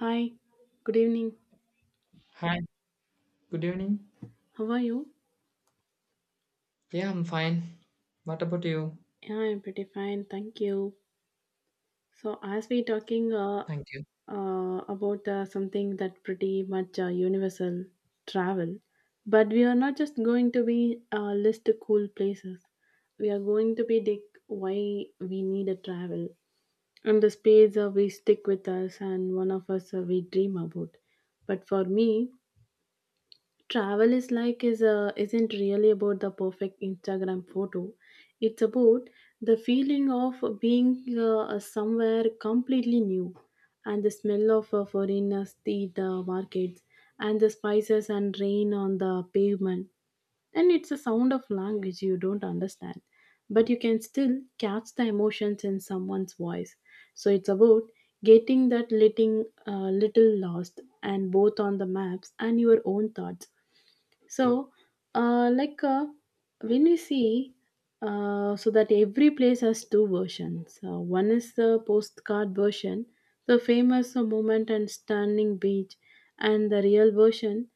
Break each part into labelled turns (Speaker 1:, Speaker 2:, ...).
Speaker 1: Hi, good evening.
Speaker 2: Hi, good evening.
Speaker 1: How are you?
Speaker 2: Yeah, I'm fine. What about you?
Speaker 1: Yeah, I'm pretty fine, thank you. So, as we talking
Speaker 2: Thank you.
Speaker 1: about something that pretty much universal travel, but we are not just going to be list the cool places. We are going to be dig why we need a travel and the space we stick with us and one of us we dream about. But for me, travel is like is isn't really about the perfect instagram photo, it's about the feeling of being somewhere completely new, and the smell of foreign street markets and the spices and rain on the pavement, and it's a sound of language you don't understand, but you can still catch the emotions in someone's voice. So it's about getting that little lost, and both on the maps and your own thoughts. So, uh, like uh, when we see, so that every place has two versions. One is the postcard version, the famous moment and stunning beach, and the real version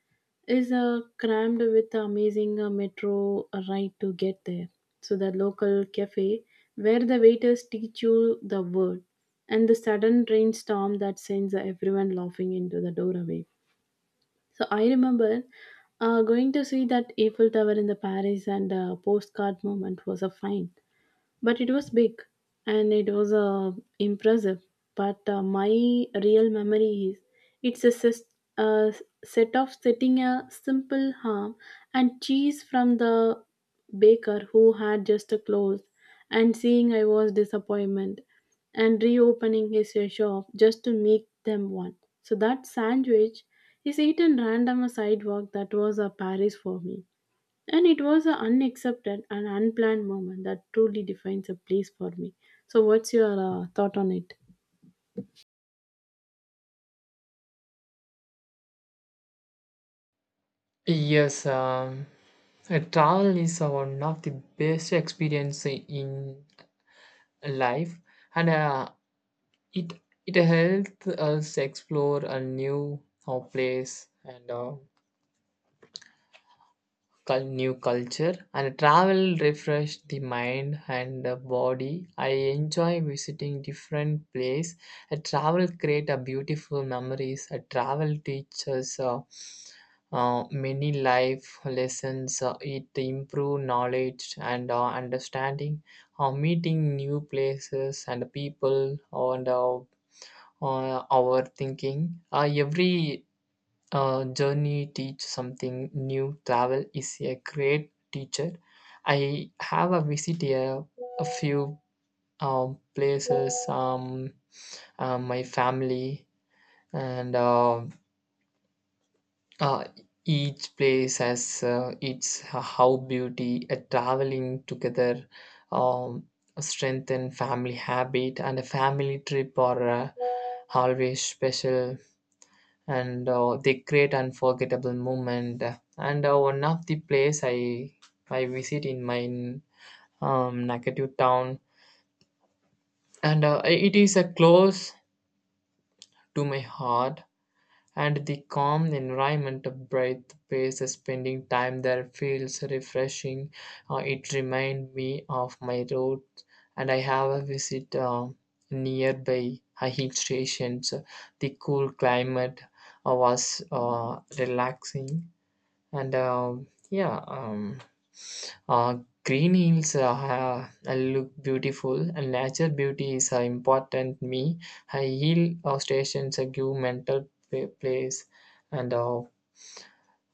Speaker 1: is crammed with amazing metro ride to get there. So the local cafe where the waiters teach you the word, and the sudden rainstorm that sends everyone laughing into the doorway. So I remember going to see that Eiffel Tower in the Paris, and postcard moment was a fine, but it was big and it was impressive, but my real memory is it's a set of setting a simple ham and cheese from the baker who had just closed, and seeing I was disappointment, and reopening his shop just to make them one. So that sandwich is eaten random a sidewalk, that was a paris for me, and it was an unaccepted and unplanned moment that truly defines a place for me. So, what's your thought on it?
Speaker 2: Yes, um, Travel is one of the best experience in life, and uh, it it helps us explore a new place and new culture, and travel refresh the mind and the body. I enjoy visiting different place. A travel create a beautiful memories. A travel teaches many life lessons. It improve knowledge and understanding, meeting new places and people, and our thinking. Every journey teach something new. Travel is a great teacher. I have a visit a few places, my family, and uh, each place has its how beauty. A traveling together um, strengthen family habit, and a family trip or always special, and they create unforgettable moment. And one of the place I visit in my native town, and it is a close to my heart. And the calm environment of bright space, spending time there feels refreshing. It reminds me of my road, and I have a visit nearby a hill stations. The cool climate was relaxing, and uh, green hills look beautiful, and nature beauty is important me. I hill stations give mental place, and uh,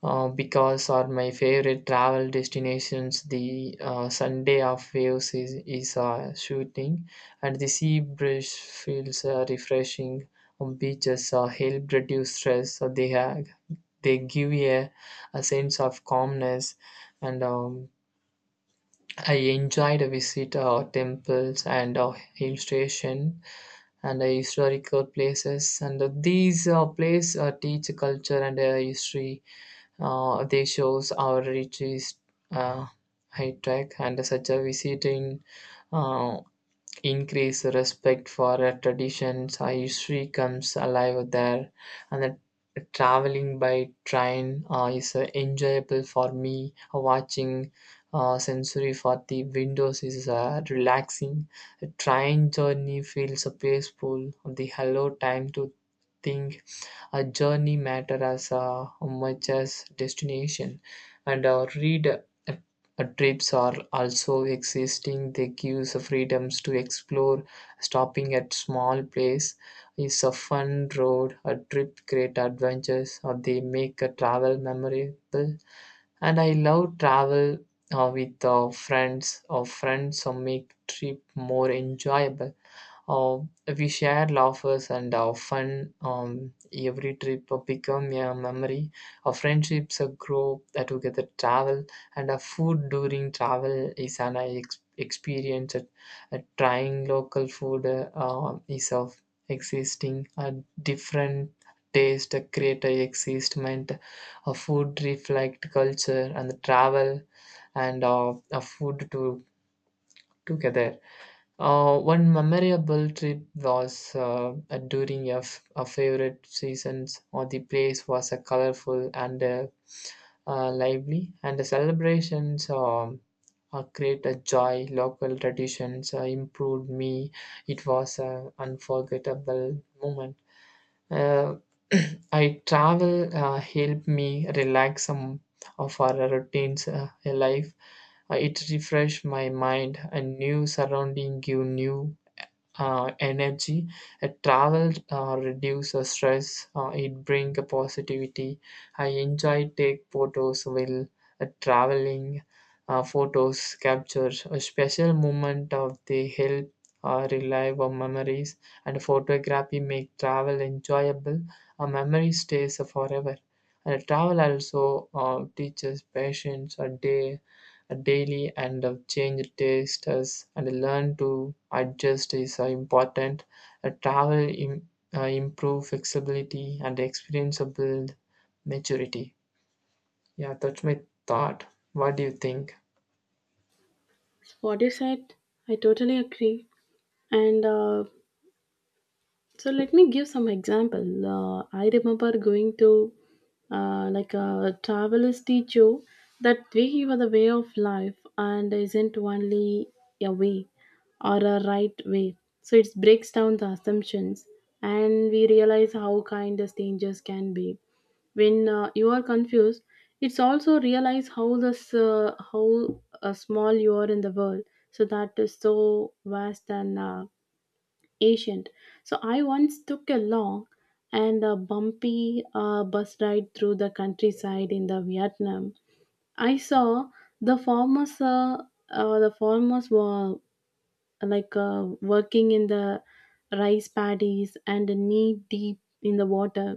Speaker 2: uh, because are my favorite travel destinations. The sunday of waves is shooting, and the sea breeze feels refreshing on beaches help reduce stress, so they give a sense of calmness, and I enjoyed a visit temples and hill station and historical places, and these places teach culture and history. They shows our rich is uh, high tech, and such a visiting uh, increased respect for traditions. Our history comes alive there, and the traveling by train is enjoyable for me. Watching sensory for the windows is relaxing. The train journey feels peaceful. The hello time to think. Our journey matter as much as destination, and our read trips are also existing. They give us freedoms to explore. Stopping at small place is a fun road. A trip great adventures, or they make a travel memorable. And I love travel with friends. Or friends, or make trip more enjoyable. Uh, we share laughs and fun. Every trip became a memory. Our friendships grow together, travel, and food during travel is an experience. Trying local food is of existing a different taste, create a existment. Food reflect culture and travel, and food to together. One memorable trip was during a, a favorite seasons, or the place was a colorful and lively, and the celebrations create a joy. Local traditions improved me. It was an unforgettable moment. Uh, I travel helped me relax some of our routines in life. It refreshed my mind, and new surrounding give new energy. Travel reduces stress. It brings positivity. I enjoy take photos while traveling. Photos capture a special moment of the help relive of memories, and photography make travel enjoyable. A memory stays forever. And travel also teaches patience a day daily, and change tastes and learn to adjust is important. Travel improve flexibility and experience of build maturity. Yeah, that's my thought. What do you think?
Speaker 1: What you said, I totally agree. And So let me give some example. I remember going to like a traveler's teacher, that way was a way of life and isn't only a way or a right way. So it breaks down the assumptions, and we realize how kind the strangers can be. When you are confused, it's also realize how this how small you are in the world. So that is so vast and ancient. So I once took a long and a bumpy bus ride through the countryside in the Vietnam. I saw the farmers, uh, the farmers were like working in the rice paddies and knee deep in the water,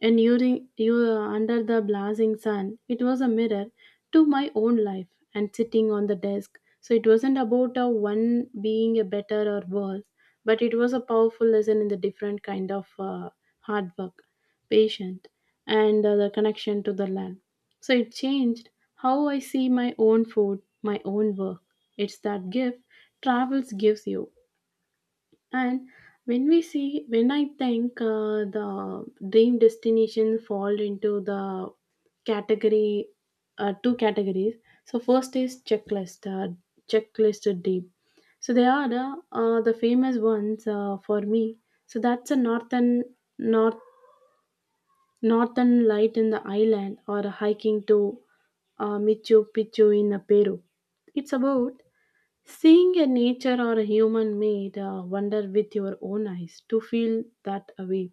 Speaker 1: and during you under the blazing sun, it was a mirror to my own life and sitting on the desk. So it wasn't about a one being a better or worse, but it was a powerful lesson in the different kind of hard work, patient, and the connection to the land. So it changed how I see my own food, my own work. It's that gift travels gives you. And when we see, when I think the dream destination fall into the category, two categories. So first is checklist, checklist deep. So they are the famous ones for me. So that's a north northern light in the island, or hiking to Machu Picchu in Peru. It's about seeing a nature or a human made wonder with your own eyes to feel that away.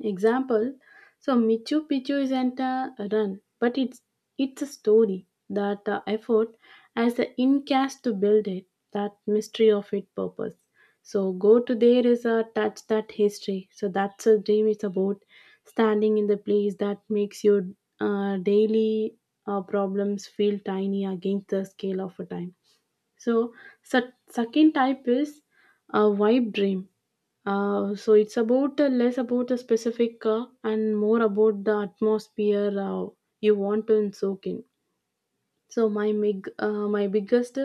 Speaker 1: Example, so Michu Picchu isn't a run, but it's a story that effort as the in cast to build it, that mystery of its purpose. So go to there is a touch that history. So that's a dream is about standing in the place that makes your daily problems feel tiny against the scale of a time. So, Second type is a vibe dream. So it's about less about the specific and more about the atmosphere you want to soak in. So my biggest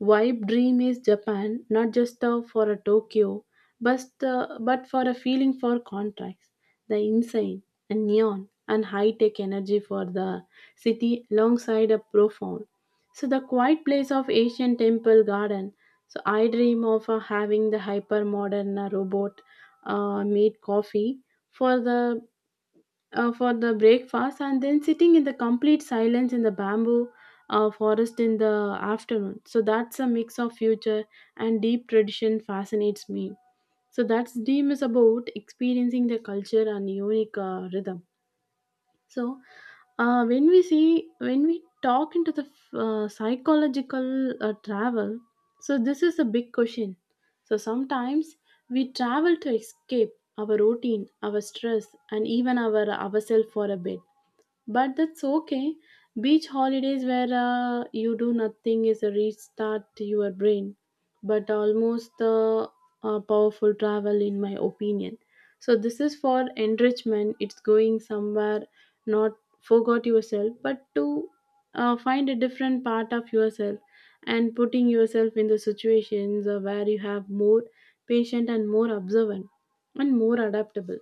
Speaker 1: vibe dream is Japan, not just for a Tokyo, but for a feeling for contracts, the insane and neon and high tech energy for the city, alongside a profound. So the quiet place of Asian temple garden. So I dream of having the hyper modern robot made coffee for the for the breakfast, and then sitting in the complete silence in the bamboo forest in the afternoon. So that's a mix of future and deep tradition fascinates me. So that's dream is about experiencing the culture and unique rhythm. So when we see, when we talk into the psychological travel, so this is a big question. So sometimes we travel to escape our routine, our stress, and even our ourselves for a bit, but that's okay. Beach holidays where you do nothing is a restart to your brain, but almost the powerful travel in my opinion. So this is for enrichment. It's going somewhere, not forgot yourself, but to find a different part of yourself, and putting yourself in the situations where you have more patient and more observant and more adaptable,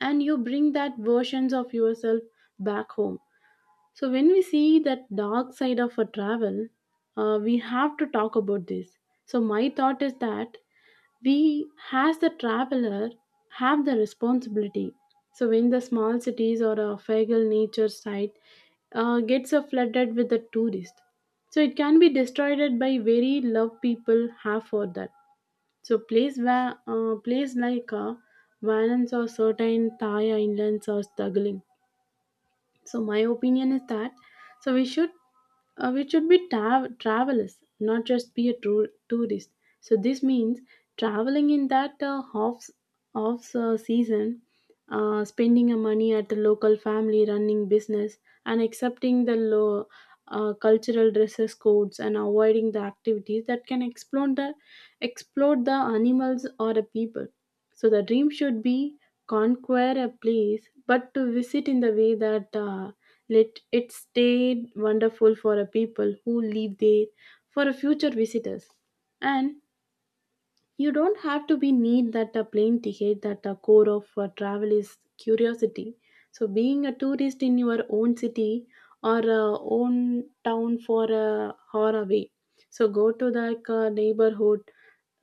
Speaker 1: and you bring that versions of yourself back home. So, when we see that dark side of a travel, we have to talk about this. So, my thought is that we, as the traveler, have the responsibility. So, when the small cities or a fegal nature site gets flooded with the tourist, so it can be destroyed by very love people have for that. So, place like Valence or certain Thai islands are struggling. So my opinion is that so we should be travelers, not just be a tourist. So this means traveling in that off off season, spending a money at the local family running business, and accepting the low cultural dresses codes, and avoiding the activities that can explore the animals or the people. So the dream should be conquer a place, but to visit in the way that let it stay wonderful for a people who live there, for a future visitors, and you don't have to be need that a plane ticket, that the core of travel is curiosity. So being a tourist in your own city or own town for a hour away. So go to the neighborhood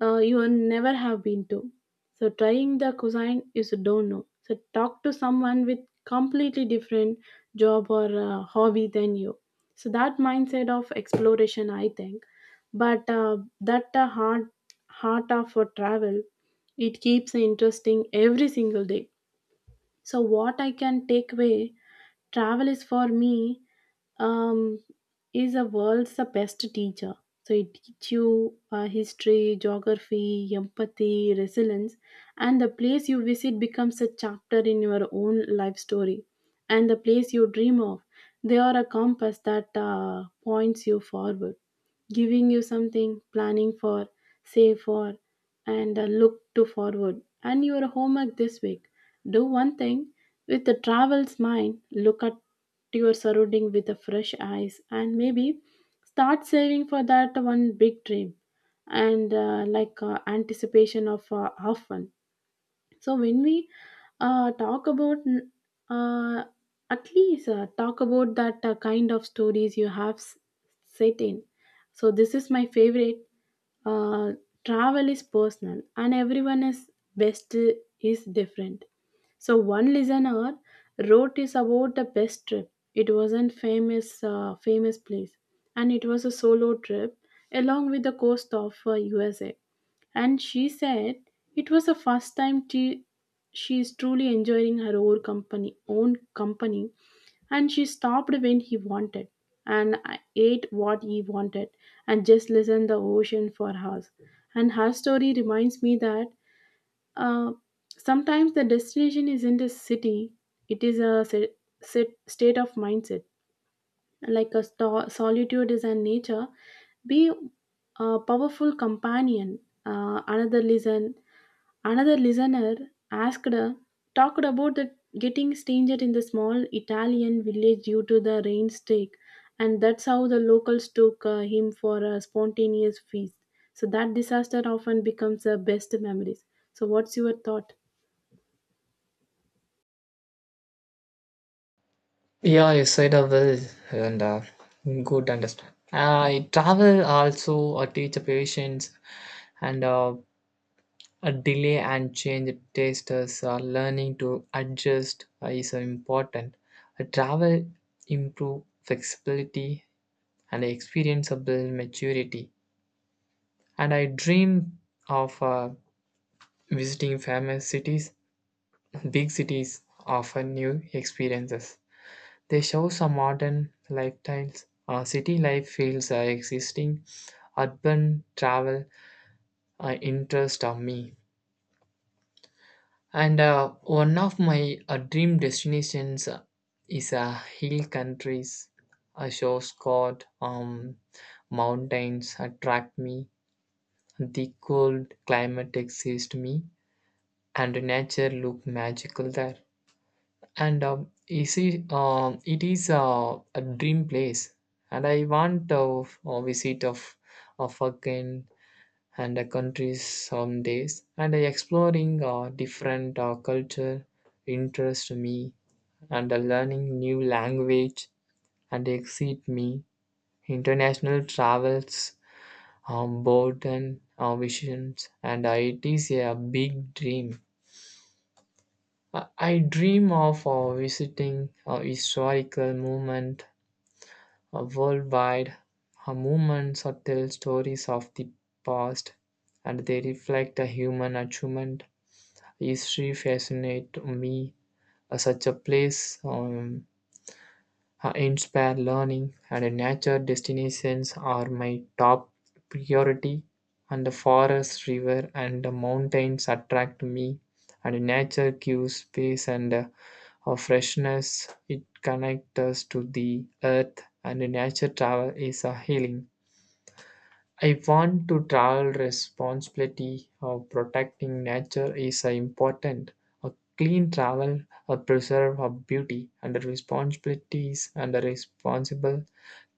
Speaker 1: you will never have been to. So trying the cuisine is don't know. So talk to someone with completely different job or hobby than you. So that mindset of exploration, I think. But that hard heart of for travel, it keeps interesting every single day. So what I can take away, travel is for me, um, is a world's the best teacher. So it teaches you history, geography, empathy, resilience, and the place you visit becomes a chapter in your own life story, and the place you dream of, they are a compass that points you forward, giving you something planning for, save for, and look to forward. And your homework this week, do one thing with the travel's mind, look at your surrounding with a fresh eyes, and maybe start saving for that one big dream. And anticipation of half one. So when we talk about uh, at least talk about that kind of stories you have set in. So this is my favorite. Uh, travel is personal, and everyone is best is different. So one listener wrote is about the best trip. It wasn't famous place, and it was a solo trip along with the coast of USA. And she said it was the first time she is truly enjoying own company, and she stopped when he wanted and ate what he wanted and just listened the ocean for hours. And her story reminds me that uh, sometimes the destination isn't a city; it is a state of mindset. Like a solitude is a nature, be a powerful companion. Uh, another listen Another listener asked, talked about the getting stranded in the small Italian village due to the rain streak, and that's how the locals took him for a spontaneous feast. So that disaster often becomes the best memories. So what's your thought?
Speaker 2: Yeah, you said I will, and good understand. I travel also teach patience and a delay, and change tasters are learning to adjust is important. A travel improve flexibility and experienceable maturity. And I dream of visiting famous cities, big cities offer new experiences. They show some modern lifestyles. City life feels existing. Urban travel interest of me. And one of my dream destinations is hill countries. A shores called mountains attract me. The cold climate exists me, and the nature look magical there. And it is a dream place, and I want to visit of again, and countries some days, and exploring different culture interest me, and learning new language and excite me. International travels board and visions, and it is a big dream. I dream of visiting a historical movement worldwide. Her movements tell stories of the past, and they reflect a human achievement. History fascinates me. Such a place, inspire learning, and nature destinations are my top priority. And the forest, river, and the mountains attract me. And nature gives peace and a freshness. It connects us to the earth, and nature travel is a healing. I want to travel responsibility of protecting nature is important. A clean travel, a preserve of beauty, and the responsibilities and the responsible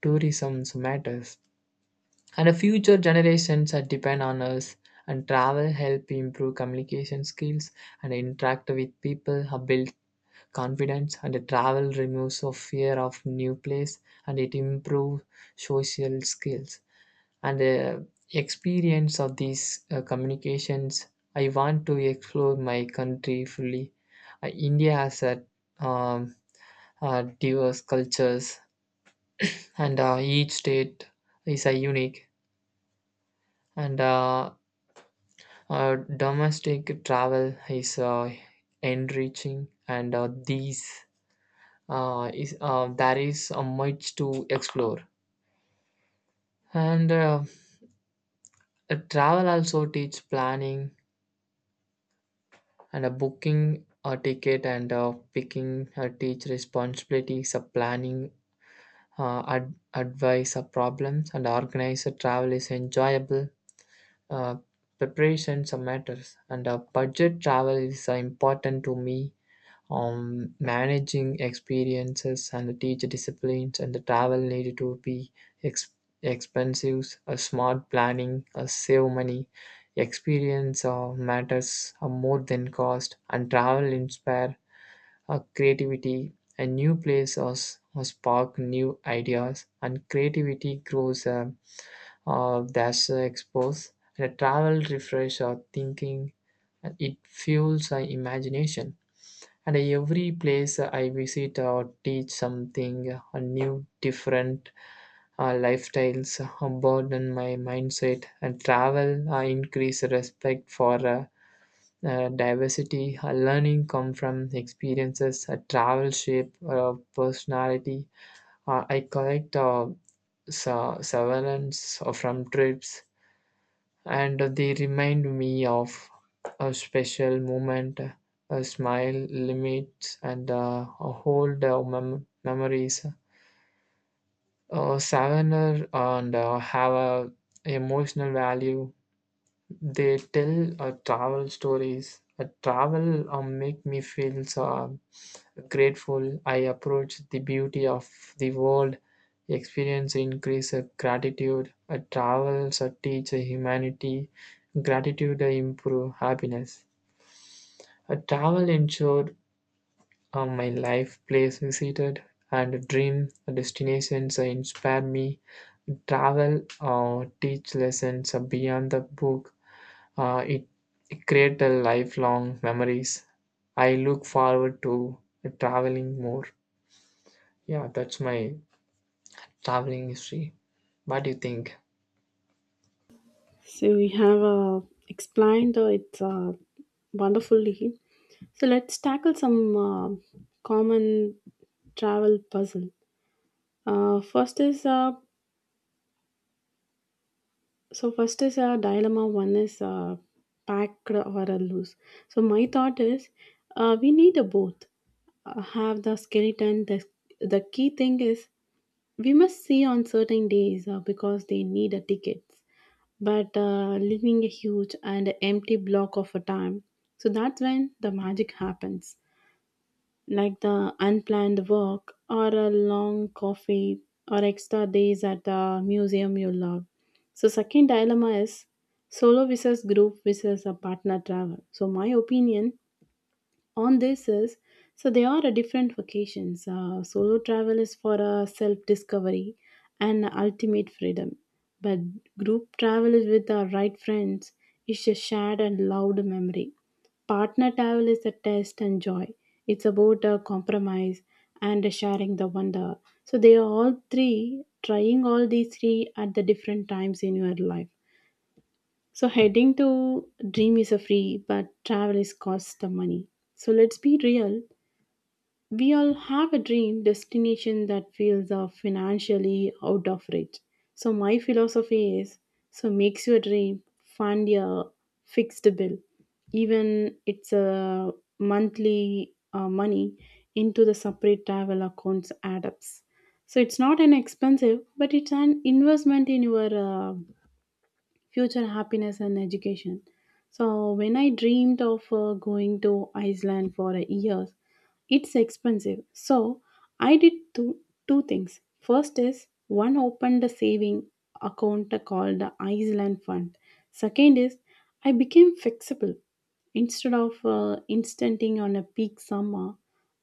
Speaker 2: tourism matters. And the future generations that depend on us. And travel help improve communication skills and interact with people, build confidence. And the travel removes of fear of new place, and it improves social skills and experience of these communications. I want to explore my country fully. India has a um, diverse cultures, and each state is a unique, and uh, domestic travel is enriching, and these is there is much to explore, and travel also teach planning, and a booking a ticket and a picking a teach responsibilities a planning. Advice a problems, and organize a travel is enjoyable. uh, Preparations are matters, and a budget travel is important to me. Managing experiences and the teacher disciplines and the travel needed to be ex- expensive. A smart planning a save money. Experience matters more than cost, and travel inspire creativity. A new place or spark new ideas, and creativity grows that's exposed, and a travel refresh our thinking, and it fuels our imagination. And every place I visit or teach something new. Different lifestyles broaden my mindset, and travel increase respect for diversity. Learning come from experiences. Travel shape personality. I collect surveillance from trips, and they remind me of a special moment, a smile, limits, and a whole memories. A souvenir and have a emotional value. They tell travel stories. A travel make me feel so grateful. I approach the beauty of the world. Experience increase gratitude. Travels teach humanity. Gratitude improve happiness. A travel ensured my life place visited, and dream destinations inspire me. Travel teach lessons beyond the book. It it create a lifelong memories. I look forward to traveling more. Yeah, that's my traveling history. What do you think?
Speaker 1: So we have explained it wonderfully. So let's tackle some common travel puzzle. First is So first is a dilemma. One is packed or a loose. So my thought is, we need a both. Have the skeleton. The key thing is we must see on certain days because they need a tickets. But leaving a huge and empty block of a time. So that's when the magic happens, like the unplanned work or a long coffee or extra days at the museum you love. So second dilemma is solo versus group versus a partner travel. So my opinion on this is, so there are a different vacations. Solo travel is for a self discovery and ultimate freedom, but group travel is with our right friends, is a shared and loud memory. Partner travel is a test and joy, it's about a compromise and a sharing the wonder. So they are all three, trying all these three at the different times in your life. So heading to dream is a free, but travel is cost the money. So let's be real. We all have a dream destination that feels financially out of reach. So my philosophy is, so makes your dream fund your fixed bill, even it's a monthly money into the separate travel accounts add ups. So it's not an expensive, but it's an investment in your future happiness and education. So when I dreamed of going to Iceland for a year, it's expensive. So I did two things. First is, one, opened a saving account called the Iceland Fund. Second is, I became flexible. Instead of instanting on a peak summer,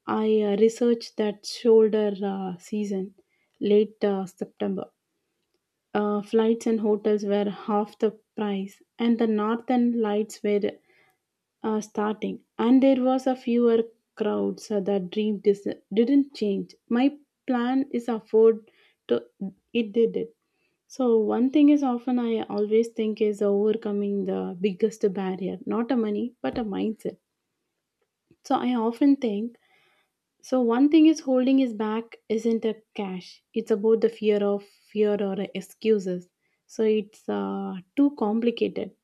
Speaker 1: I researched that shoulder season, late September. Flights and hotels were half the price, and the northern lights were starting, and there was a fewer crowds. So the didn't change. My plan is afford to, it did it. So one thing is, often I always think is overcoming the biggest barrier, not a money but a mindset. So I often think, so one thing is holding his back isn't a cash. It's about the fear of fear or excuses. So it's too complicated.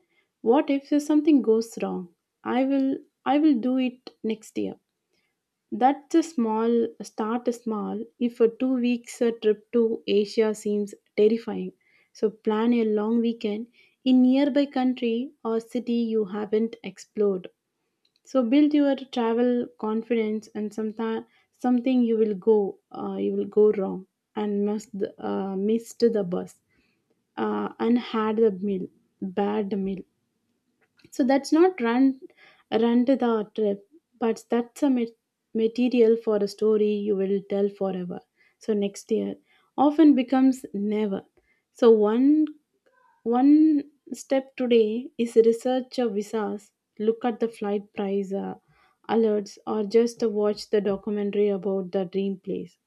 Speaker 1: What if something goes wrong? I will I will do it next year. That's a small, start small. If a 2 weeks trip to Asia seems terrifying, so plan a long weekend in nearby country or city you haven't explored, so build your travel confidence. And sometime something you will go wrong and must missed the bus and had the meal, bad meal. So that's not run to the trip, but that's a material for a story you will tell forever. So next year often becomes never. So one step today is research your visas, look at the flight price alerts, or just watch the documentary about the dream place.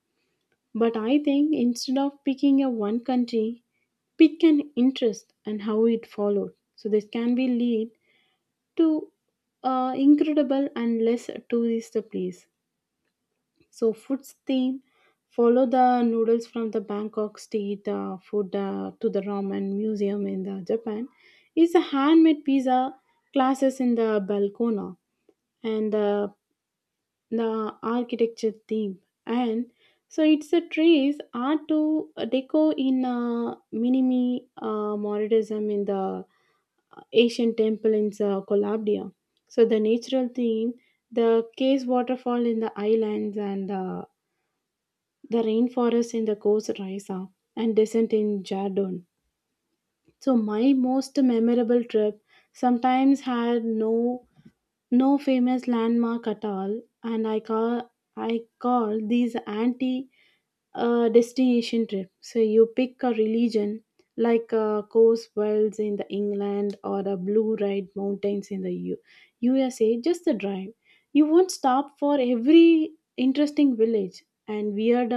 Speaker 1: But I think, instead of picking a one country, pick an interest and how it followed. So this can be lead to incredible and less tourist place. So food's theme, follow the noodles from the Bangkok street food to the ramen museum in the Japan, is a handmade pizza classes in the balcona, and the architecture theme, and so it's a trees art to deco in minimi modernism in the Asian temple in Collabria. So the natural theme, the case waterfall in the islands and the rainforest in the coast Raisa and descent in Jardon. So my most memorable trip sometimes had no famous landmark at all, and I call these anti destination trip. So you pick a religion, like Coast Wells in the England or the Blue Ride Mountains in the USA. Just the drive. You won't stop for every interesting village and weird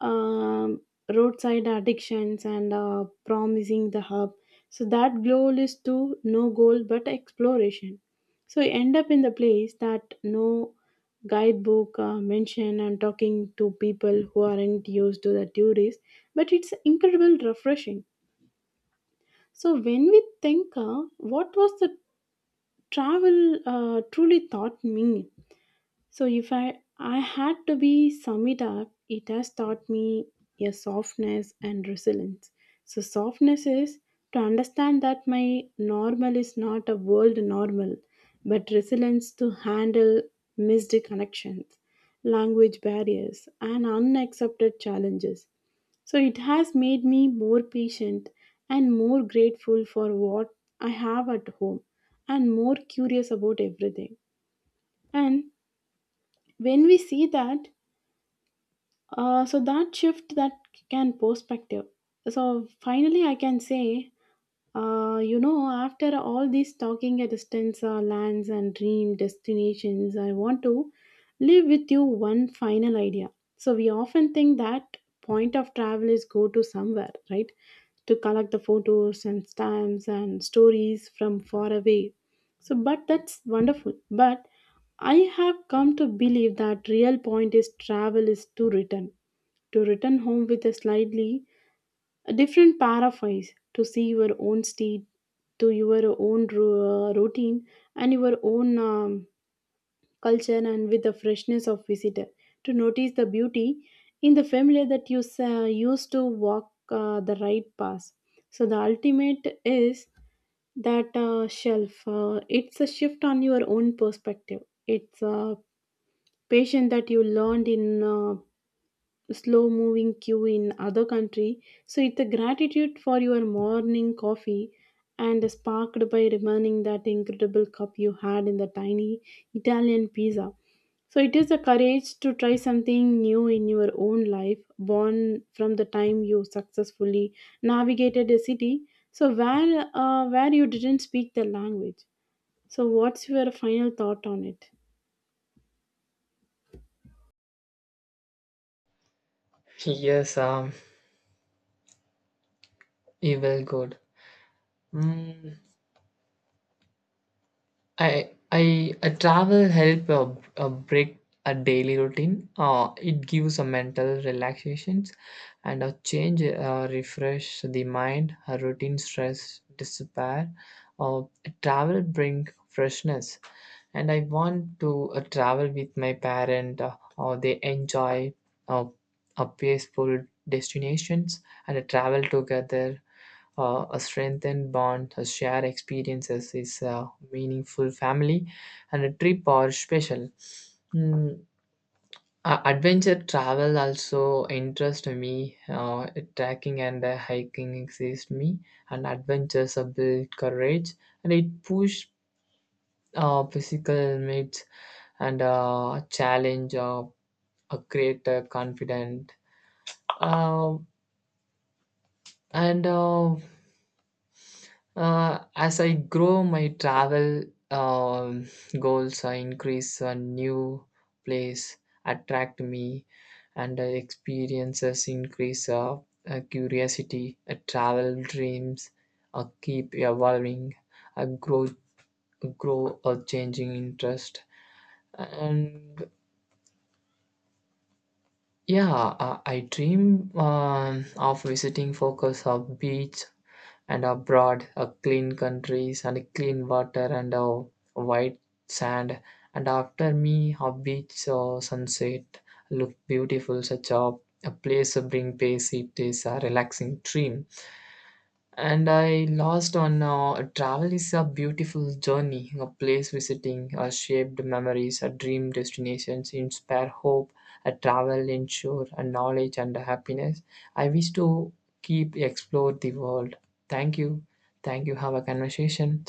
Speaker 1: um, roadside addictions and promising the hub. So that goal is to no goal but exploration. So you end up in the place that no guidebook mention, and talking to people who aren't used to the tourists, but it's incredible refreshing. So when we think, what was the travel truly taught me. So if I had to be sum it up, it has taught me a softness and resilience. So softness is to understand that my normal is not a world normal, but resilience to handle missed connections, language barriers, and unaccepted challenges. So it has made me more patient and more grateful for what I have at home and more curious about everything. And when we see that, so that shift that can perspective. So finally, I can say, you know, after all this talking at distance, lands and dream destinations, I want to leave with you one final idea. So we often think that point of travel is go to somewhere, right? To collect the photos and stamps and stories from far away. So, but that's wonderful. But I have come to believe that real point is travel is to return, to return home with a slightly a different paraphrase, to see your own state, to your own routine, and your own culture, and with the freshness of visitor, to notice the beauty in the familiar that you used to walk the right path. So the ultimate is that shelf it's a shift on your own perspective. It's a patient that you learned in slow moving queue in other country. So it's a gratitude for your morning coffee and sparked by remembering that incredible cup you had in the tiny italian pizza. So it is a courage to try something new in your own life, born from the time you successfully navigated a city, so where you didn't speak the language. So what's your final thought on it?
Speaker 2: Yes, um, Evil good. Mm, I a travel help a break a daily routine. It gives a mental relaxations and a change, refresh the mind, a routine stress disappear. Uh, travel bring freshness, and I want to travel with my parent, or they enjoy uh, a peaceful destinations, and travel together. A strengthened bond a share experiences is a meaningful family, and a trip or special. Mm, adventure travel also interest me. Trekking and hiking exist me, and adventures build courage, and it push physical limits, and challenge a great confident. Um, and As I grow my travel um, goals I increase a new place attract me, and experiences increase curiosity. Travel dreams keep evolving. I grow or changing interest, and yeah, I dream of visiting focus of beach and abroad, a clean countries and clean water and a white sand. And after me, a beach or sunset look beautiful. Such a place to bring peace. It is a relaxing dream, and I lost on travel is a beautiful journey, a place visiting, shaped memories, a dream destinations, inspire hope, a travel ensure a knowledge and a happiness. I wish to keep explore the world. Thank you, thank you. Have a conversation.